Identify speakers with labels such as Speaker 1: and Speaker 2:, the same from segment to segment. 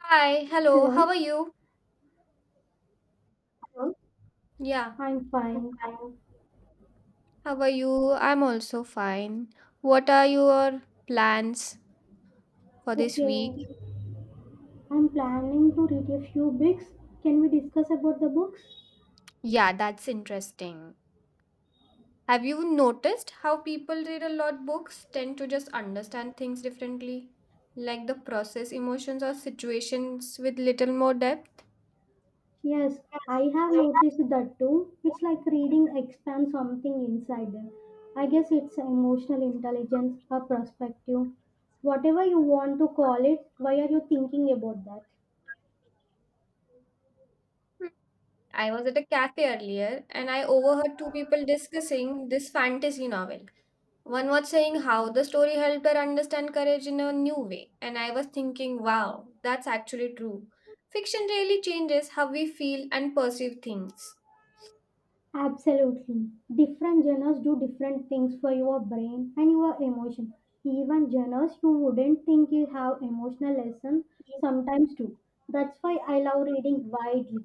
Speaker 1: Hi, hello, how
Speaker 2: Hello,
Speaker 1: are you? Hello. Yeah,
Speaker 2: I'm
Speaker 1: I'm
Speaker 2: fine.
Speaker 1: fine. How are you? I'm also fine. What are your plans for this
Speaker 2: Okay,
Speaker 1: week?
Speaker 2: I'm planning to read a few books. Can we discuss about the books?
Speaker 1: Yeah, that's interesting. Have you noticed how people read a lot books tend to just understand things differently? Like the process emotions or situations with little more depth?
Speaker 2: Yes,
Speaker 1: Yes,
Speaker 2: I have
Speaker 1: I
Speaker 2: noticed that too. It's like reading expands something inside them. I guess it's emotional intelligence or
Speaker 1: have
Speaker 2: perspective. Whatever you want to call it, why are you thinking about that?
Speaker 1: I was at a cafe earlier and I overheard two people discussing this fantasy novel. One was saying how the story helped her understand courage in a new way, and I was thinking, wow, that's actually true. Fiction really changes how we feel and perceive things.
Speaker 2: Absolutely. Different genres do different things for your brain and your emotion. Even genres you wouldn't think you have emotional lessons sometimes do. That's why I love reading widely.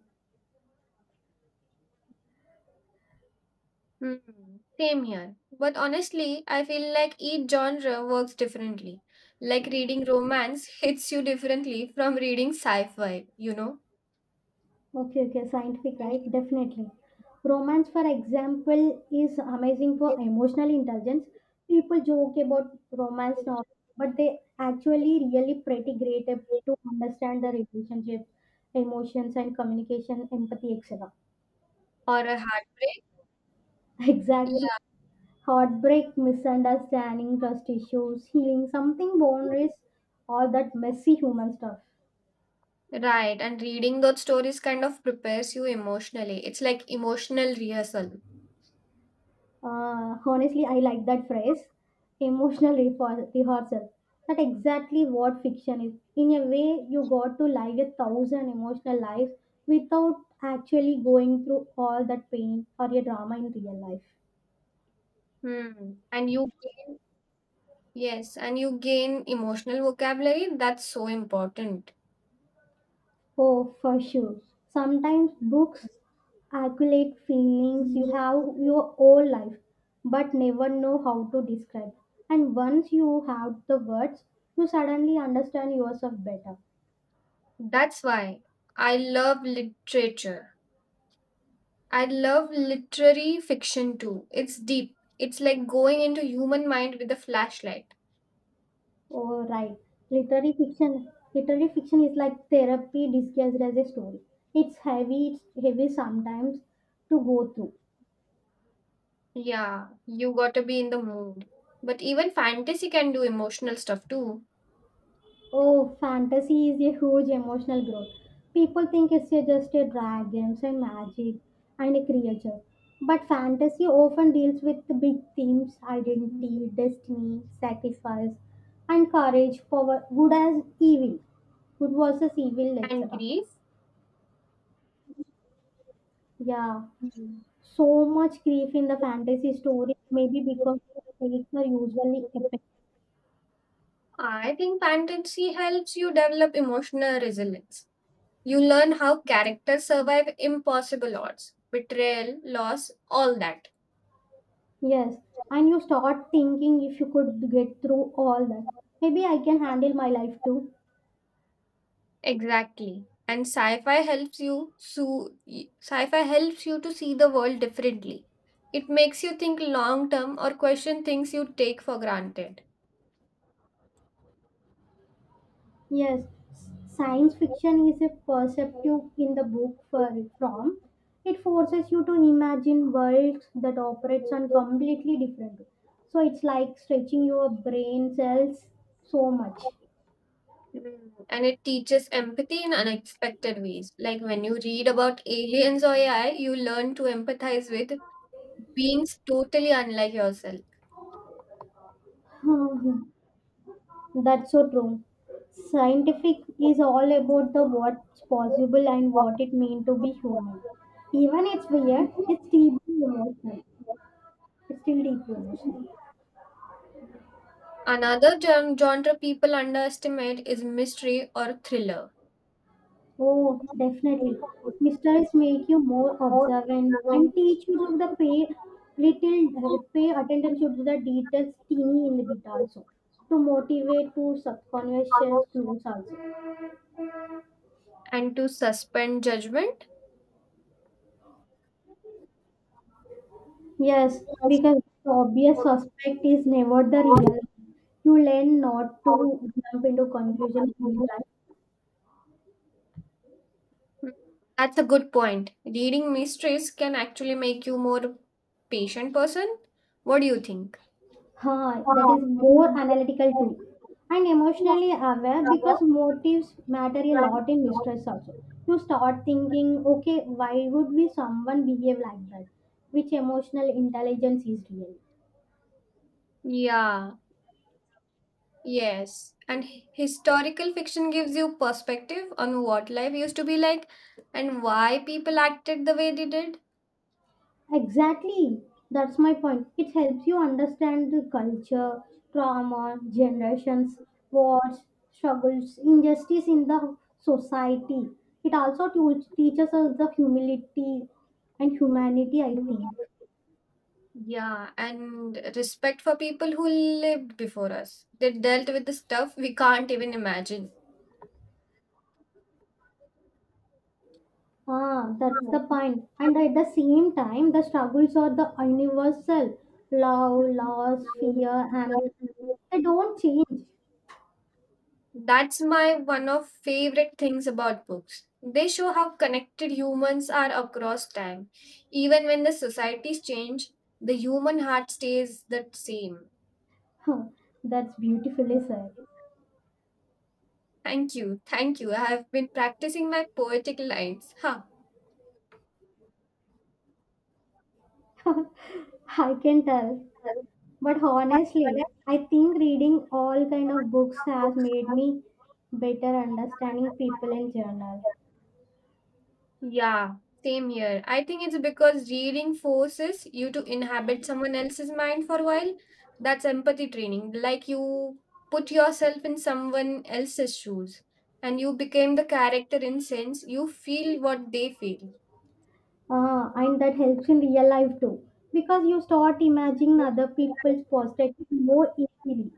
Speaker 1: Hmm. Same here. But honestly, I feel like each genre works differently. Like reading romance hits you differently from reading sci fi, you know?
Speaker 2: Okay, okay, scientific, right? Definitely. Romance, for example, is amazing for emotional intelligence. People joke about romance novels, but they actually really pretty great to understand the relationship, emotions, and communication, empathy, etc.
Speaker 1: Or a heartbreak.
Speaker 2: Exactly.
Speaker 1: Yeah.
Speaker 2: Heartbreak, misunderstanding, trust issues, healing, something boundaries, all that messy human stuff.
Speaker 1: Right. And reading those stories kind of prepares you emotionally. It's like emotional rehearsal.
Speaker 2: Honestly, I like that phrase, emotional rehearsal. That exactly what fiction is. In a way, you got to live a thousand emotional lives without actually going through all that pain or a drama in real life.
Speaker 1: Hmm. And you gain, yes, and you gain emotional vocabulary. That's so important.
Speaker 2: Oh, for sure. Sometimes books accumulate feelings you
Speaker 1: Mm.
Speaker 2: have your whole life but never know how to describe, and once you have the words you suddenly understand yourself better.
Speaker 1: That's why I love literature. I love literary fiction too. It's deep. It's like going into human mind with a flashlight.
Speaker 2: Oh right, literary fiction is like therapy disguised as a story. It's heavy it's heavy sometimes to go through.
Speaker 1: Yeah, you gotta be in the mood. But even fantasy can do emotional stuff too.
Speaker 2: Oh, fantasy is a huge emotional growth. People think it's just a dragons and magic and a creature. But fantasy often deals with the big themes identity, destiny, sacrifice, and courage, power, good as evil, good versus evil,
Speaker 1: And
Speaker 2: etc.
Speaker 1: Greece.
Speaker 2: Yeah, so much grief in the fantasy stories, maybe because the stakes are usually epic.
Speaker 1: I think fantasy helps you develop emotional resilience. You learn how characters survive impossible odds, betrayal, loss, all that.
Speaker 2: Yes, and you start thinking if you could get through all that. Maybe I can handle my life too.
Speaker 1: Exactly. And sci-fi helps you to see the world differently. It makes you think long term or question things you take for granted.
Speaker 2: Yes, science fiction is a perceptive in the book for from. It forces you to imagine worlds that operates on completely different. So it's like stretching your brain cells so much.
Speaker 1: Mm. And it teaches empathy in unexpected ways. Like when you read about aliens or AI, you learn to empathize with beings totally unlike yourself.
Speaker 2: That's so true. Scientific is all about the what's possible and what it means to be human. Even it's weird, it's deeply emotional. It's still deeply emotional.
Speaker 1: Another genre people underestimate is mystery or thriller.
Speaker 2: Oh, definitely. Mysteries make you more
Speaker 1: More
Speaker 2: observant and
Speaker 1: observant
Speaker 2: teach you to the pay little pay attention to the details teeny in the bit also, to motivate to subconscious clues also.
Speaker 1: and to suspend judgment.
Speaker 2: Yes, because the obvious suspect is never the real. You learn not to jump into conclusion in real life.
Speaker 1: Hmm. That's a good point. Reading mysteries can actually make you more patient person. What do you think?
Speaker 2: Huh, that is more analytical too. And emotionally aware because motives matter a lot in mistress also. You start thinking, okay, why would we someone behave like that? Which emotional intelligence is real?
Speaker 1: Yeah, yes. And historical fiction gives you perspective on what life used to be like and why people acted the way they did.
Speaker 2: Exactly. That's my point. It helps you understand the culture, trauma, generations, wars, struggles, injustice in the society. It also teaches us the humility and humanity, I think.
Speaker 1: Yeah, and respect for people who lived before us. They dealt with the stuff we can't even imagine.
Speaker 2: Ah, that's the point. And at the same time, the struggles are the universal love, loss, fear, ambition. They don't change.
Speaker 1: That's my one of favorite things about books. They show how connected humans are across time. Even when the societies change, the human heart stays the same.
Speaker 2: Huh, that's beautifully said.
Speaker 1: Thank you. Thank you. I have been practicing my poetic lines. Huh.
Speaker 2: I can tell. But honestly, I think reading all kind of books has
Speaker 1: Books
Speaker 2: made me better understanding people in general.
Speaker 1: are- Yeah, same here. I think it's because reading forces you to inhabit someone else's mind for a while. That's empathy training. Like you put yourself in someone else's shoes and you became the character in sense you feel what they feel.
Speaker 2: And that helps in real life too. Because you start imagining other people's perspective more easily.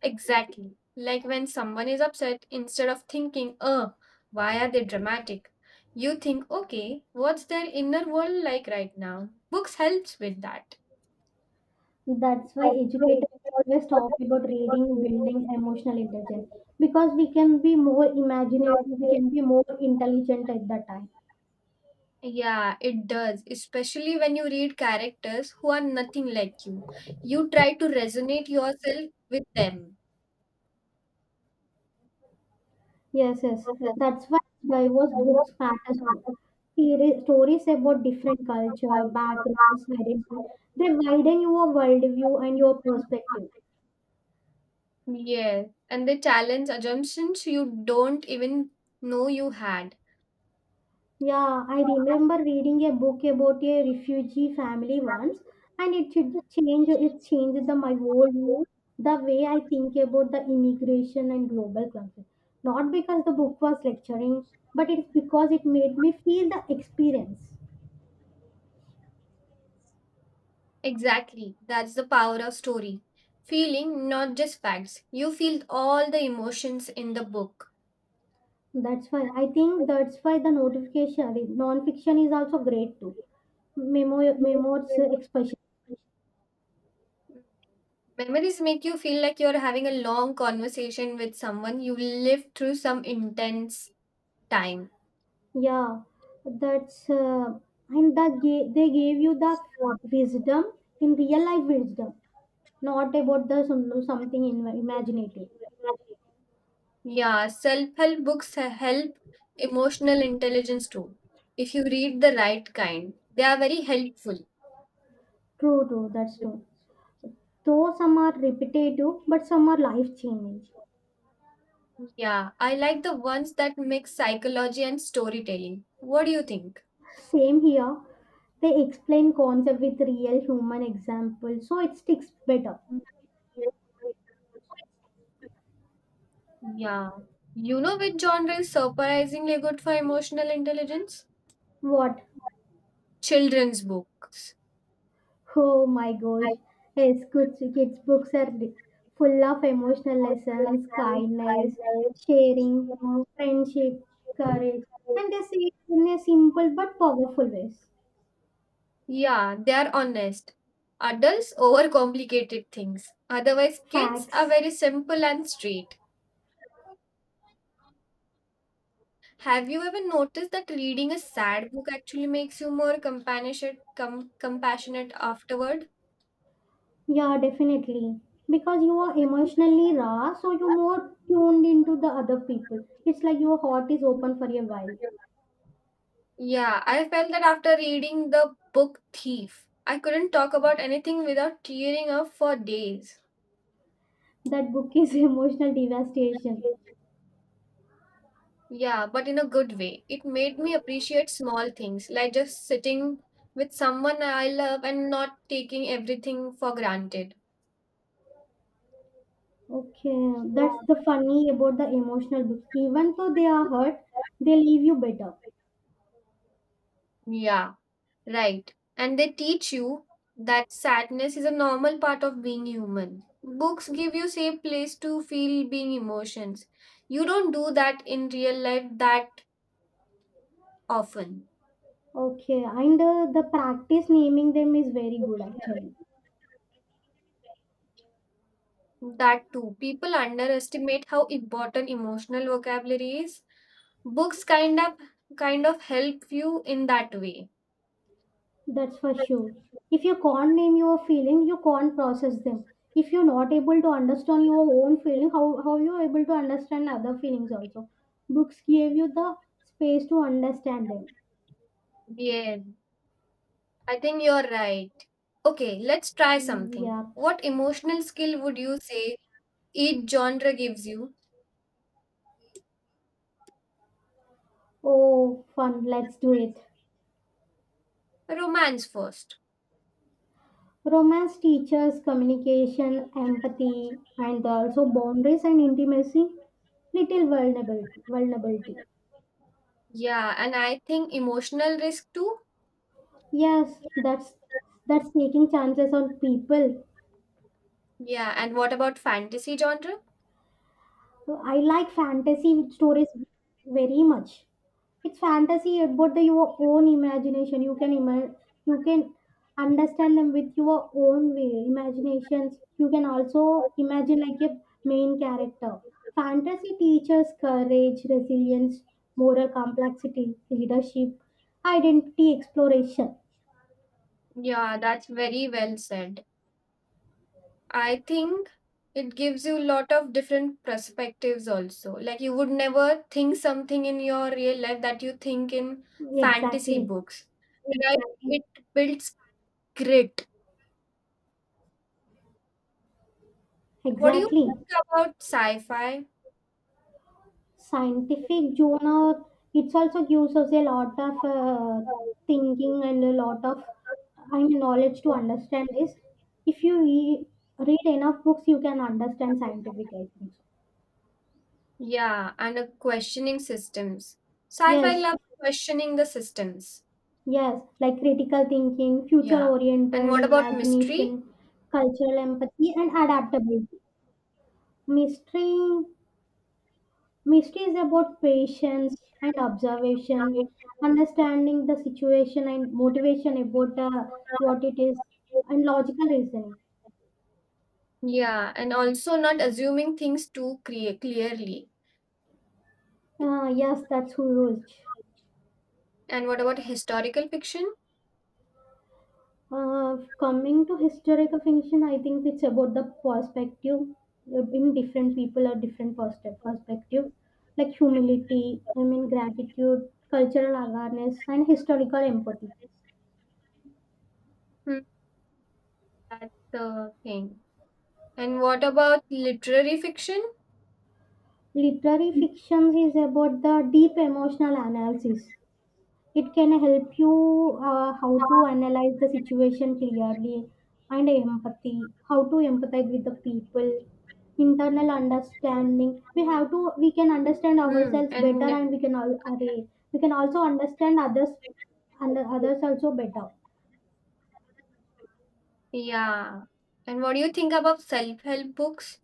Speaker 1: Exactly. Like when someone is upset, instead of thinking, why are they dramatic? You think, okay, what's their inner world like right now? Books helps with that.
Speaker 2: That's why educators always talk about reading, building emotional intelligence. Because we can be more imaginative, we can be more intelligent at that time.
Speaker 1: Yeah, it does, especially when you read characters who are nothing like you. You try to resonate yourself with them.
Speaker 2: Yes, yes. That's why diverse books matters too. Theory, stories about different culture, backgrounds, identity, they widen your worldview and your perspective.
Speaker 1: Yes, and they challenge assumptions you don't even know you had.
Speaker 2: Yeah, I remember reading a book about a refugee family once, and it changed the my whole view, the way I think about the immigration and global conflict. Not because the book was lecturing, but it's because it made me feel the experience.
Speaker 1: Exactly, that's the power of story. Feeling, not just facts. You feel all the emotions in the book.
Speaker 2: That's why I think that's why the non-fiction is also great too. Memos, expression.
Speaker 1: Memories make you feel like you're having a long conversation with someone you lived through some intense time.
Speaker 2: Yeah, that's they gave you the wisdom in real life wisdom, not about the some, something in, imaginative.
Speaker 1: Yeah, self help books help emotional intelligence too. If you read the right kind, they are very helpful.
Speaker 2: True, true, that's true. Though some are repetitive, but some are life changing.
Speaker 1: Yeah, I like the ones that mix psychology and storytelling. What do you think?
Speaker 2: Same here. They explain concept with real human example, so it sticks better.
Speaker 1: Yeah. You know which genre is surprisingly good for emotional intelligence?
Speaker 2: What?
Speaker 1: Children's books.
Speaker 2: Oh my gosh. Yes, good kids books are full of emotional lessons, kindness, sharing, friendship, courage, and they say it in a simple but powerful ways.
Speaker 1: Yeah, they are honest. Adults overcomplicate things. Otherwise, kids are
Speaker 2: Facts.
Speaker 1: very simple and straight. Have you ever noticed that reading a sad book actually makes you more compassionate, compassionate afterward?
Speaker 2: Yeah, definitely. Because you are emotionally raw, so you're more tuned into the other people. It's like your heart is open for a while.
Speaker 1: Yeah, I felt that after reading the book Thief, I couldn't talk about anything without tearing up for days.
Speaker 2: That book is emotional devastation.
Speaker 1: Yeah, but in a good way. It made me appreciate small things, like just sitting with someone I love and not taking everything for granted.
Speaker 2: Okay, that's the funny about the emotional books. Even though they are hurt, they leave you better.
Speaker 1: Yeah, right. And they teach you that sadness is a normal part of being human. Books give you safe place to feel being emotions. You don't do that in real life that often.
Speaker 2: Okay, and the practice naming them is very good actually.
Speaker 1: That too. People underestimate how important emotional vocabulary is. Books kind of help you in that way.
Speaker 2: That's for sure. If you can't name your feeling, you can't process them. If you're not able to understand your own feeling, how you are able to understand other feelings also? Books gave you the space to understand them.
Speaker 1: Yeah, I think you're right. Okay, let's try
Speaker 2: Mm,
Speaker 1: something.
Speaker 2: yeah.
Speaker 1: What emotional skill would you say each genre gives you?
Speaker 2: Oh, fun. Let's do it.
Speaker 1: Romance first.
Speaker 2: Romance teaches communication, empathy, and also boundaries and intimacy. Little vulnerability. Vulnerability.
Speaker 1: Yeah, and I think emotional risk too.
Speaker 2: Yes, that's taking chances on people.
Speaker 1: Yeah, and what about fantasy genre?
Speaker 2: So I like fantasy stories very much. It's fantasy about the, your own imagination. You can understand them with your own way, imaginations. You can also imagine like a main character. Fantasy teaches courage, resilience, moral complexity, leadership, identity exploration.
Speaker 1: Yeah, that's very well said. I think it gives you a lot of different perspectives also. Like you would never think something in your real life that you think in fantasy
Speaker 2: Exactly,
Speaker 1: books. Right? Exactly. It builds grit. What do you
Speaker 2: exactly.
Speaker 1: think about sci-fi?
Speaker 2: Scientific journal it's also gives us a lot of thinking and a lot of, I mean, knowledge to understand this if you read enough books you can understand scientific, I think so.
Speaker 1: Yeah, and a questioning systems. Sci-fi
Speaker 2: Yes,
Speaker 1: loves questioning the systems.
Speaker 2: yes, like critical thinking, future
Speaker 1: Yeah. And
Speaker 2: oriented
Speaker 1: what about mystery?
Speaker 2: imagination, cultural empathy and adaptability. Mystery. Mystery is about patience and observation, understanding the situation and motivation about the, what it is, and logical reasoning.
Speaker 1: Yeah, and also not assuming things too clearly.
Speaker 2: Yes, that's huge.
Speaker 1: And what about historical fiction?
Speaker 2: Coming to historical fiction, I think it's about the perspective. In different people are different perspective, like humility, I mean gratitude, cultural awareness, and historical empathy.
Speaker 1: Hmm, that's the thing. And what about literary fiction?
Speaker 2: Literary fictions is about the deep emotional analysis. It can help you how to analyze the situation clearly and empathy, how to empathize with the people, internal understanding. We have to we can understand
Speaker 1: Hmm.
Speaker 2: ourselves better,
Speaker 1: And
Speaker 2: and we can all array. We can also understand others and others also better.
Speaker 1: yeah. And what do you think about self-help books?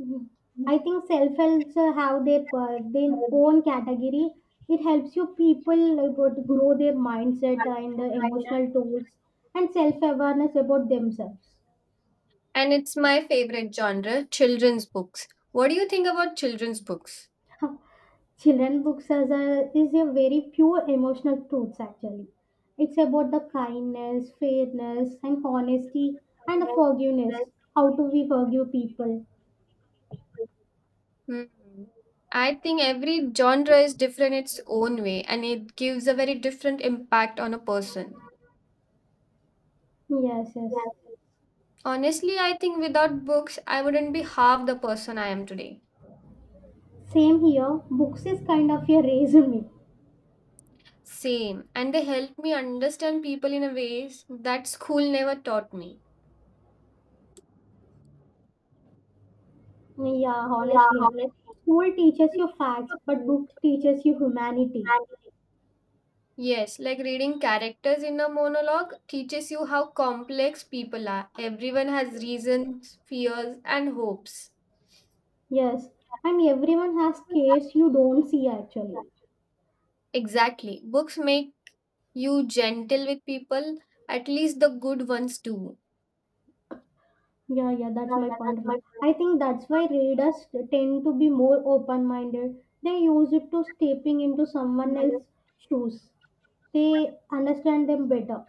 Speaker 2: Mhm. I think self helps have their their own category. It helps you people about grow their mindset and emotional tools and self awareness about themselves.
Speaker 1: And it's my favorite genre, children's books. What do you think about children's books?
Speaker 2: Children books as a is a very pure emotional truths actually. It's about the kindness, fairness, and honesty, and the forgiveness. How do we forgive people?
Speaker 1: Hmm. I think every genre is different its own way and it gives a very different impact on a person.
Speaker 2: Yes, yes.
Speaker 1: Honestly, I think without books, I wouldn't be half the person I am today.
Speaker 2: Same here. Books is kind of a resume.
Speaker 1: Same. And they help me understand people in a ways that school never taught me.
Speaker 2: Yeah, honestly. School teaches you facts, but book teaches you humanity.
Speaker 1: Yes, like reading characters in a monologue teaches you how complex people are. Everyone has reasons, fears, and hopes.
Speaker 2: Yes, and everyone has cares you don't see actually.
Speaker 1: Exactly. Books make you gentle with people, at least the good ones do.
Speaker 2: Yeah, yeah, that's my point of view. I think that's why readers tend to be more open minded. They use it to stepping into someone else's shoes. They understand them better.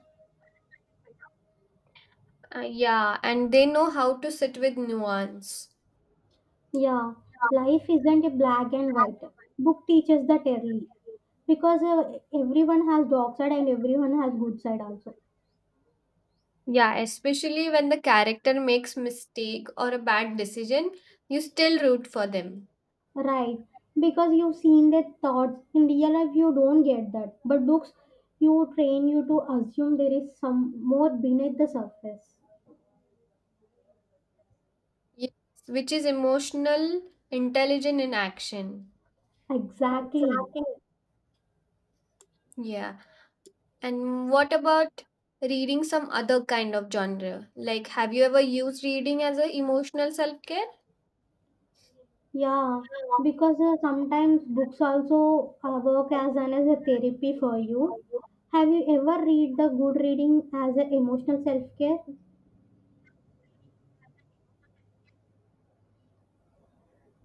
Speaker 1: Yeah, and they know how to sit with nuance.
Speaker 2: Yeah, life isn't a black and white. Book teaches that early because everyone has dark side and everyone has good side also.
Speaker 1: Yeah, especially when the character makes mistake or a bad decision, you still root for them.
Speaker 2: Right? Because you've seen their thoughts in real life, you don't get that. But books, you train you to assume there is some more beneath the surface.
Speaker 1: Yes, which is emotional intelligent in action.
Speaker 2: Exactly.
Speaker 1: Yeah. And what about reading some other kind of genre? Like, have you ever used reading as a emotional self care?
Speaker 2: Yeah, because sometimes books also work as an as a therapy for you. Have you ever read the good reading as an emotional self-care?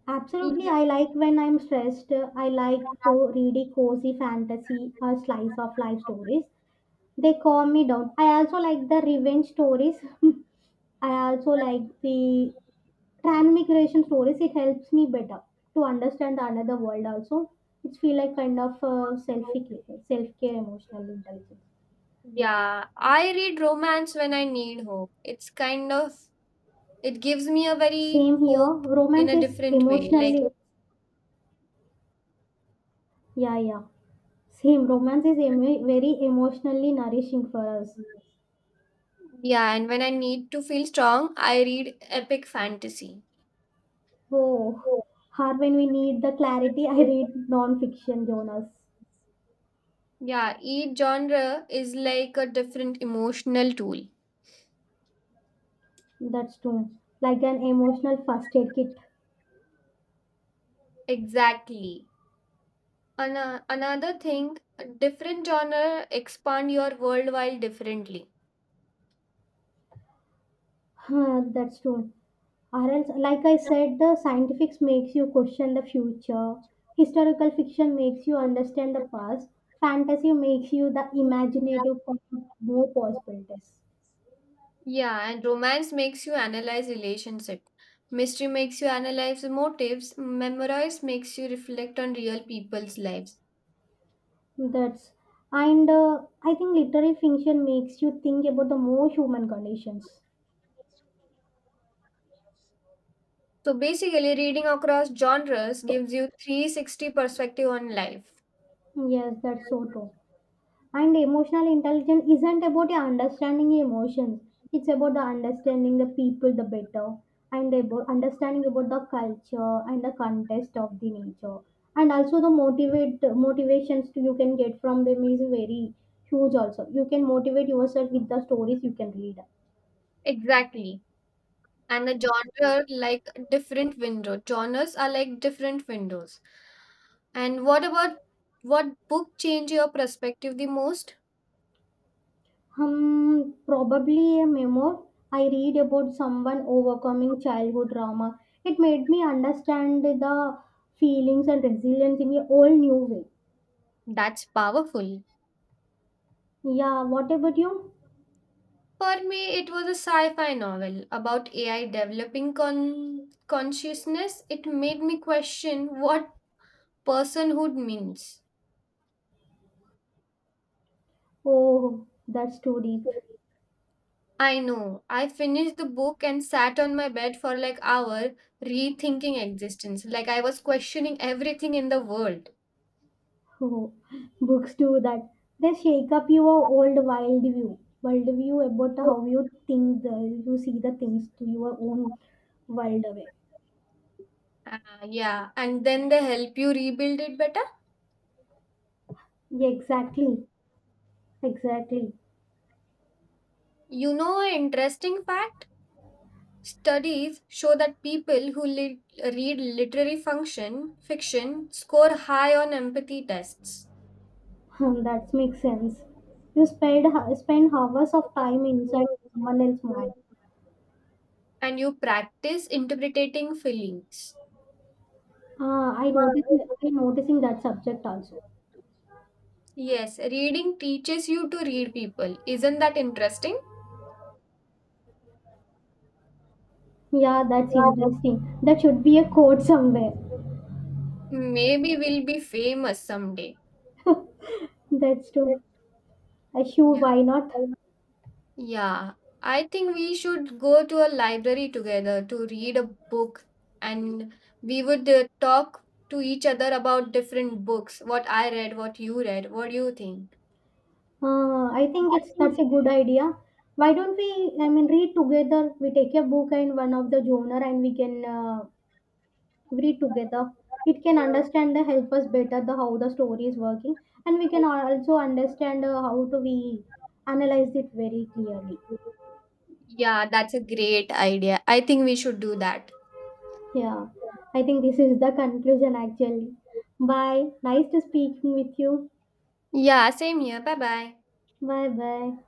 Speaker 2: Absolutely,
Speaker 1: Yeah.
Speaker 2: I like when I'm stressed. I like reading cozy fantasy or slice of life stories. They calm me down. I also like the revenge stories. I also like the transmigration stories, it helps me better to understand the another world also. It's feel like kind of self care emotional intelligence.
Speaker 1: Yeah, I read romance when I need hope. It's kind of, it gives me a very
Speaker 2: Same here.
Speaker 1: hope in
Speaker 2: Romance
Speaker 1: a
Speaker 2: is
Speaker 1: different way. Like,
Speaker 2: emotionally, yeah, yeah, same romance is very emotionally nourishing for us.
Speaker 1: yeah, and when I need to feel strong, I read epic fantasy.
Speaker 2: Oh, hard when we need the clarity, I read non-fiction journals.
Speaker 1: Yeah, each genre is like a different emotional tool.
Speaker 2: That's true, like an emotional first aid kit.
Speaker 1: Exactly. Another thing, different genre expand your world while differently.
Speaker 2: Huh, that's true. Or else, like I said, the scientifics makes you question the future. Historical fiction makes you understand the past. Fantasy makes you the imaginative for more possibilities.
Speaker 1: Yeah, and romance makes you analyze relationship. Mystery makes you analyze motives. Memorize makes you reflect on real people's lives.
Speaker 2: That's and I think literary fiction makes you think about the more human conditions.
Speaker 1: So basically, reading across genres gives you 360 perspective on life.
Speaker 2: Yes, that's so true. And emotional intelligence isn't about your understanding your emotions. It's about the understanding the people the better and about understanding about the culture and the context of the nature. And also the motivate motivations you can get from them is very huge also. You can motivate yourself with the stories you can read.
Speaker 1: Exactly. And the genre like different window. Genres are like different windows. And what book change your perspective the most?
Speaker 2: Probably a memoir I read about someone overcoming childhood trauma. It made me understand the feelings and resilience in a whole new way.
Speaker 1: That's powerful.
Speaker 2: Yeah, what about you?
Speaker 1: For me, it was a sci fi novel about AI developing consciousness. It made me question what personhood means.
Speaker 2: Oh, that's too deep.
Speaker 1: I know. I finished the book and sat on my bed for like hour rethinking existence. Like I was questioning everything in the world.
Speaker 2: Oh, books do that. They shake up your old world view about how you think, you see the things to your own world away.
Speaker 1: Uh, yeah, and then they help you rebuild it better.
Speaker 2: Yeah, exactly, exactly.
Speaker 1: You know, an interesting fact? Studies show that people who read literary function fiction score high on empathy tests.
Speaker 2: Hmm, that makes sense. You spend hours of time inside someone else's mind.
Speaker 1: And you practice interpreting feelings.
Speaker 2: Ah, I noticing that subject also.
Speaker 1: Yes, reading teaches you to read people. Isn't that interesting?
Speaker 2: Yeah, that's interesting. That should be a quote somewhere.
Speaker 1: Maybe we'll be famous someday.
Speaker 2: That's true. Sure,
Speaker 1: Yeah.
Speaker 2: why not?
Speaker 1: Yeah, I think we should go to a library together to read a book and we would talk to each other about different books, what I read, what you read. What do you think?
Speaker 2: I think it's that's a good idea. Why don't we? I mean, read together. We take a book and one of the genre, and we can read together. It can understand the help us better the how the story is working, and we can also understand how to we analyze it very clearly.
Speaker 1: Yeah, that's a great idea. I think we should do that.
Speaker 2: Yeah, I think this is the conclusion actually. Bye. Nice to speaking with you.
Speaker 1: Yeah, same here. Bye bye.
Speaker 2: Bye bye.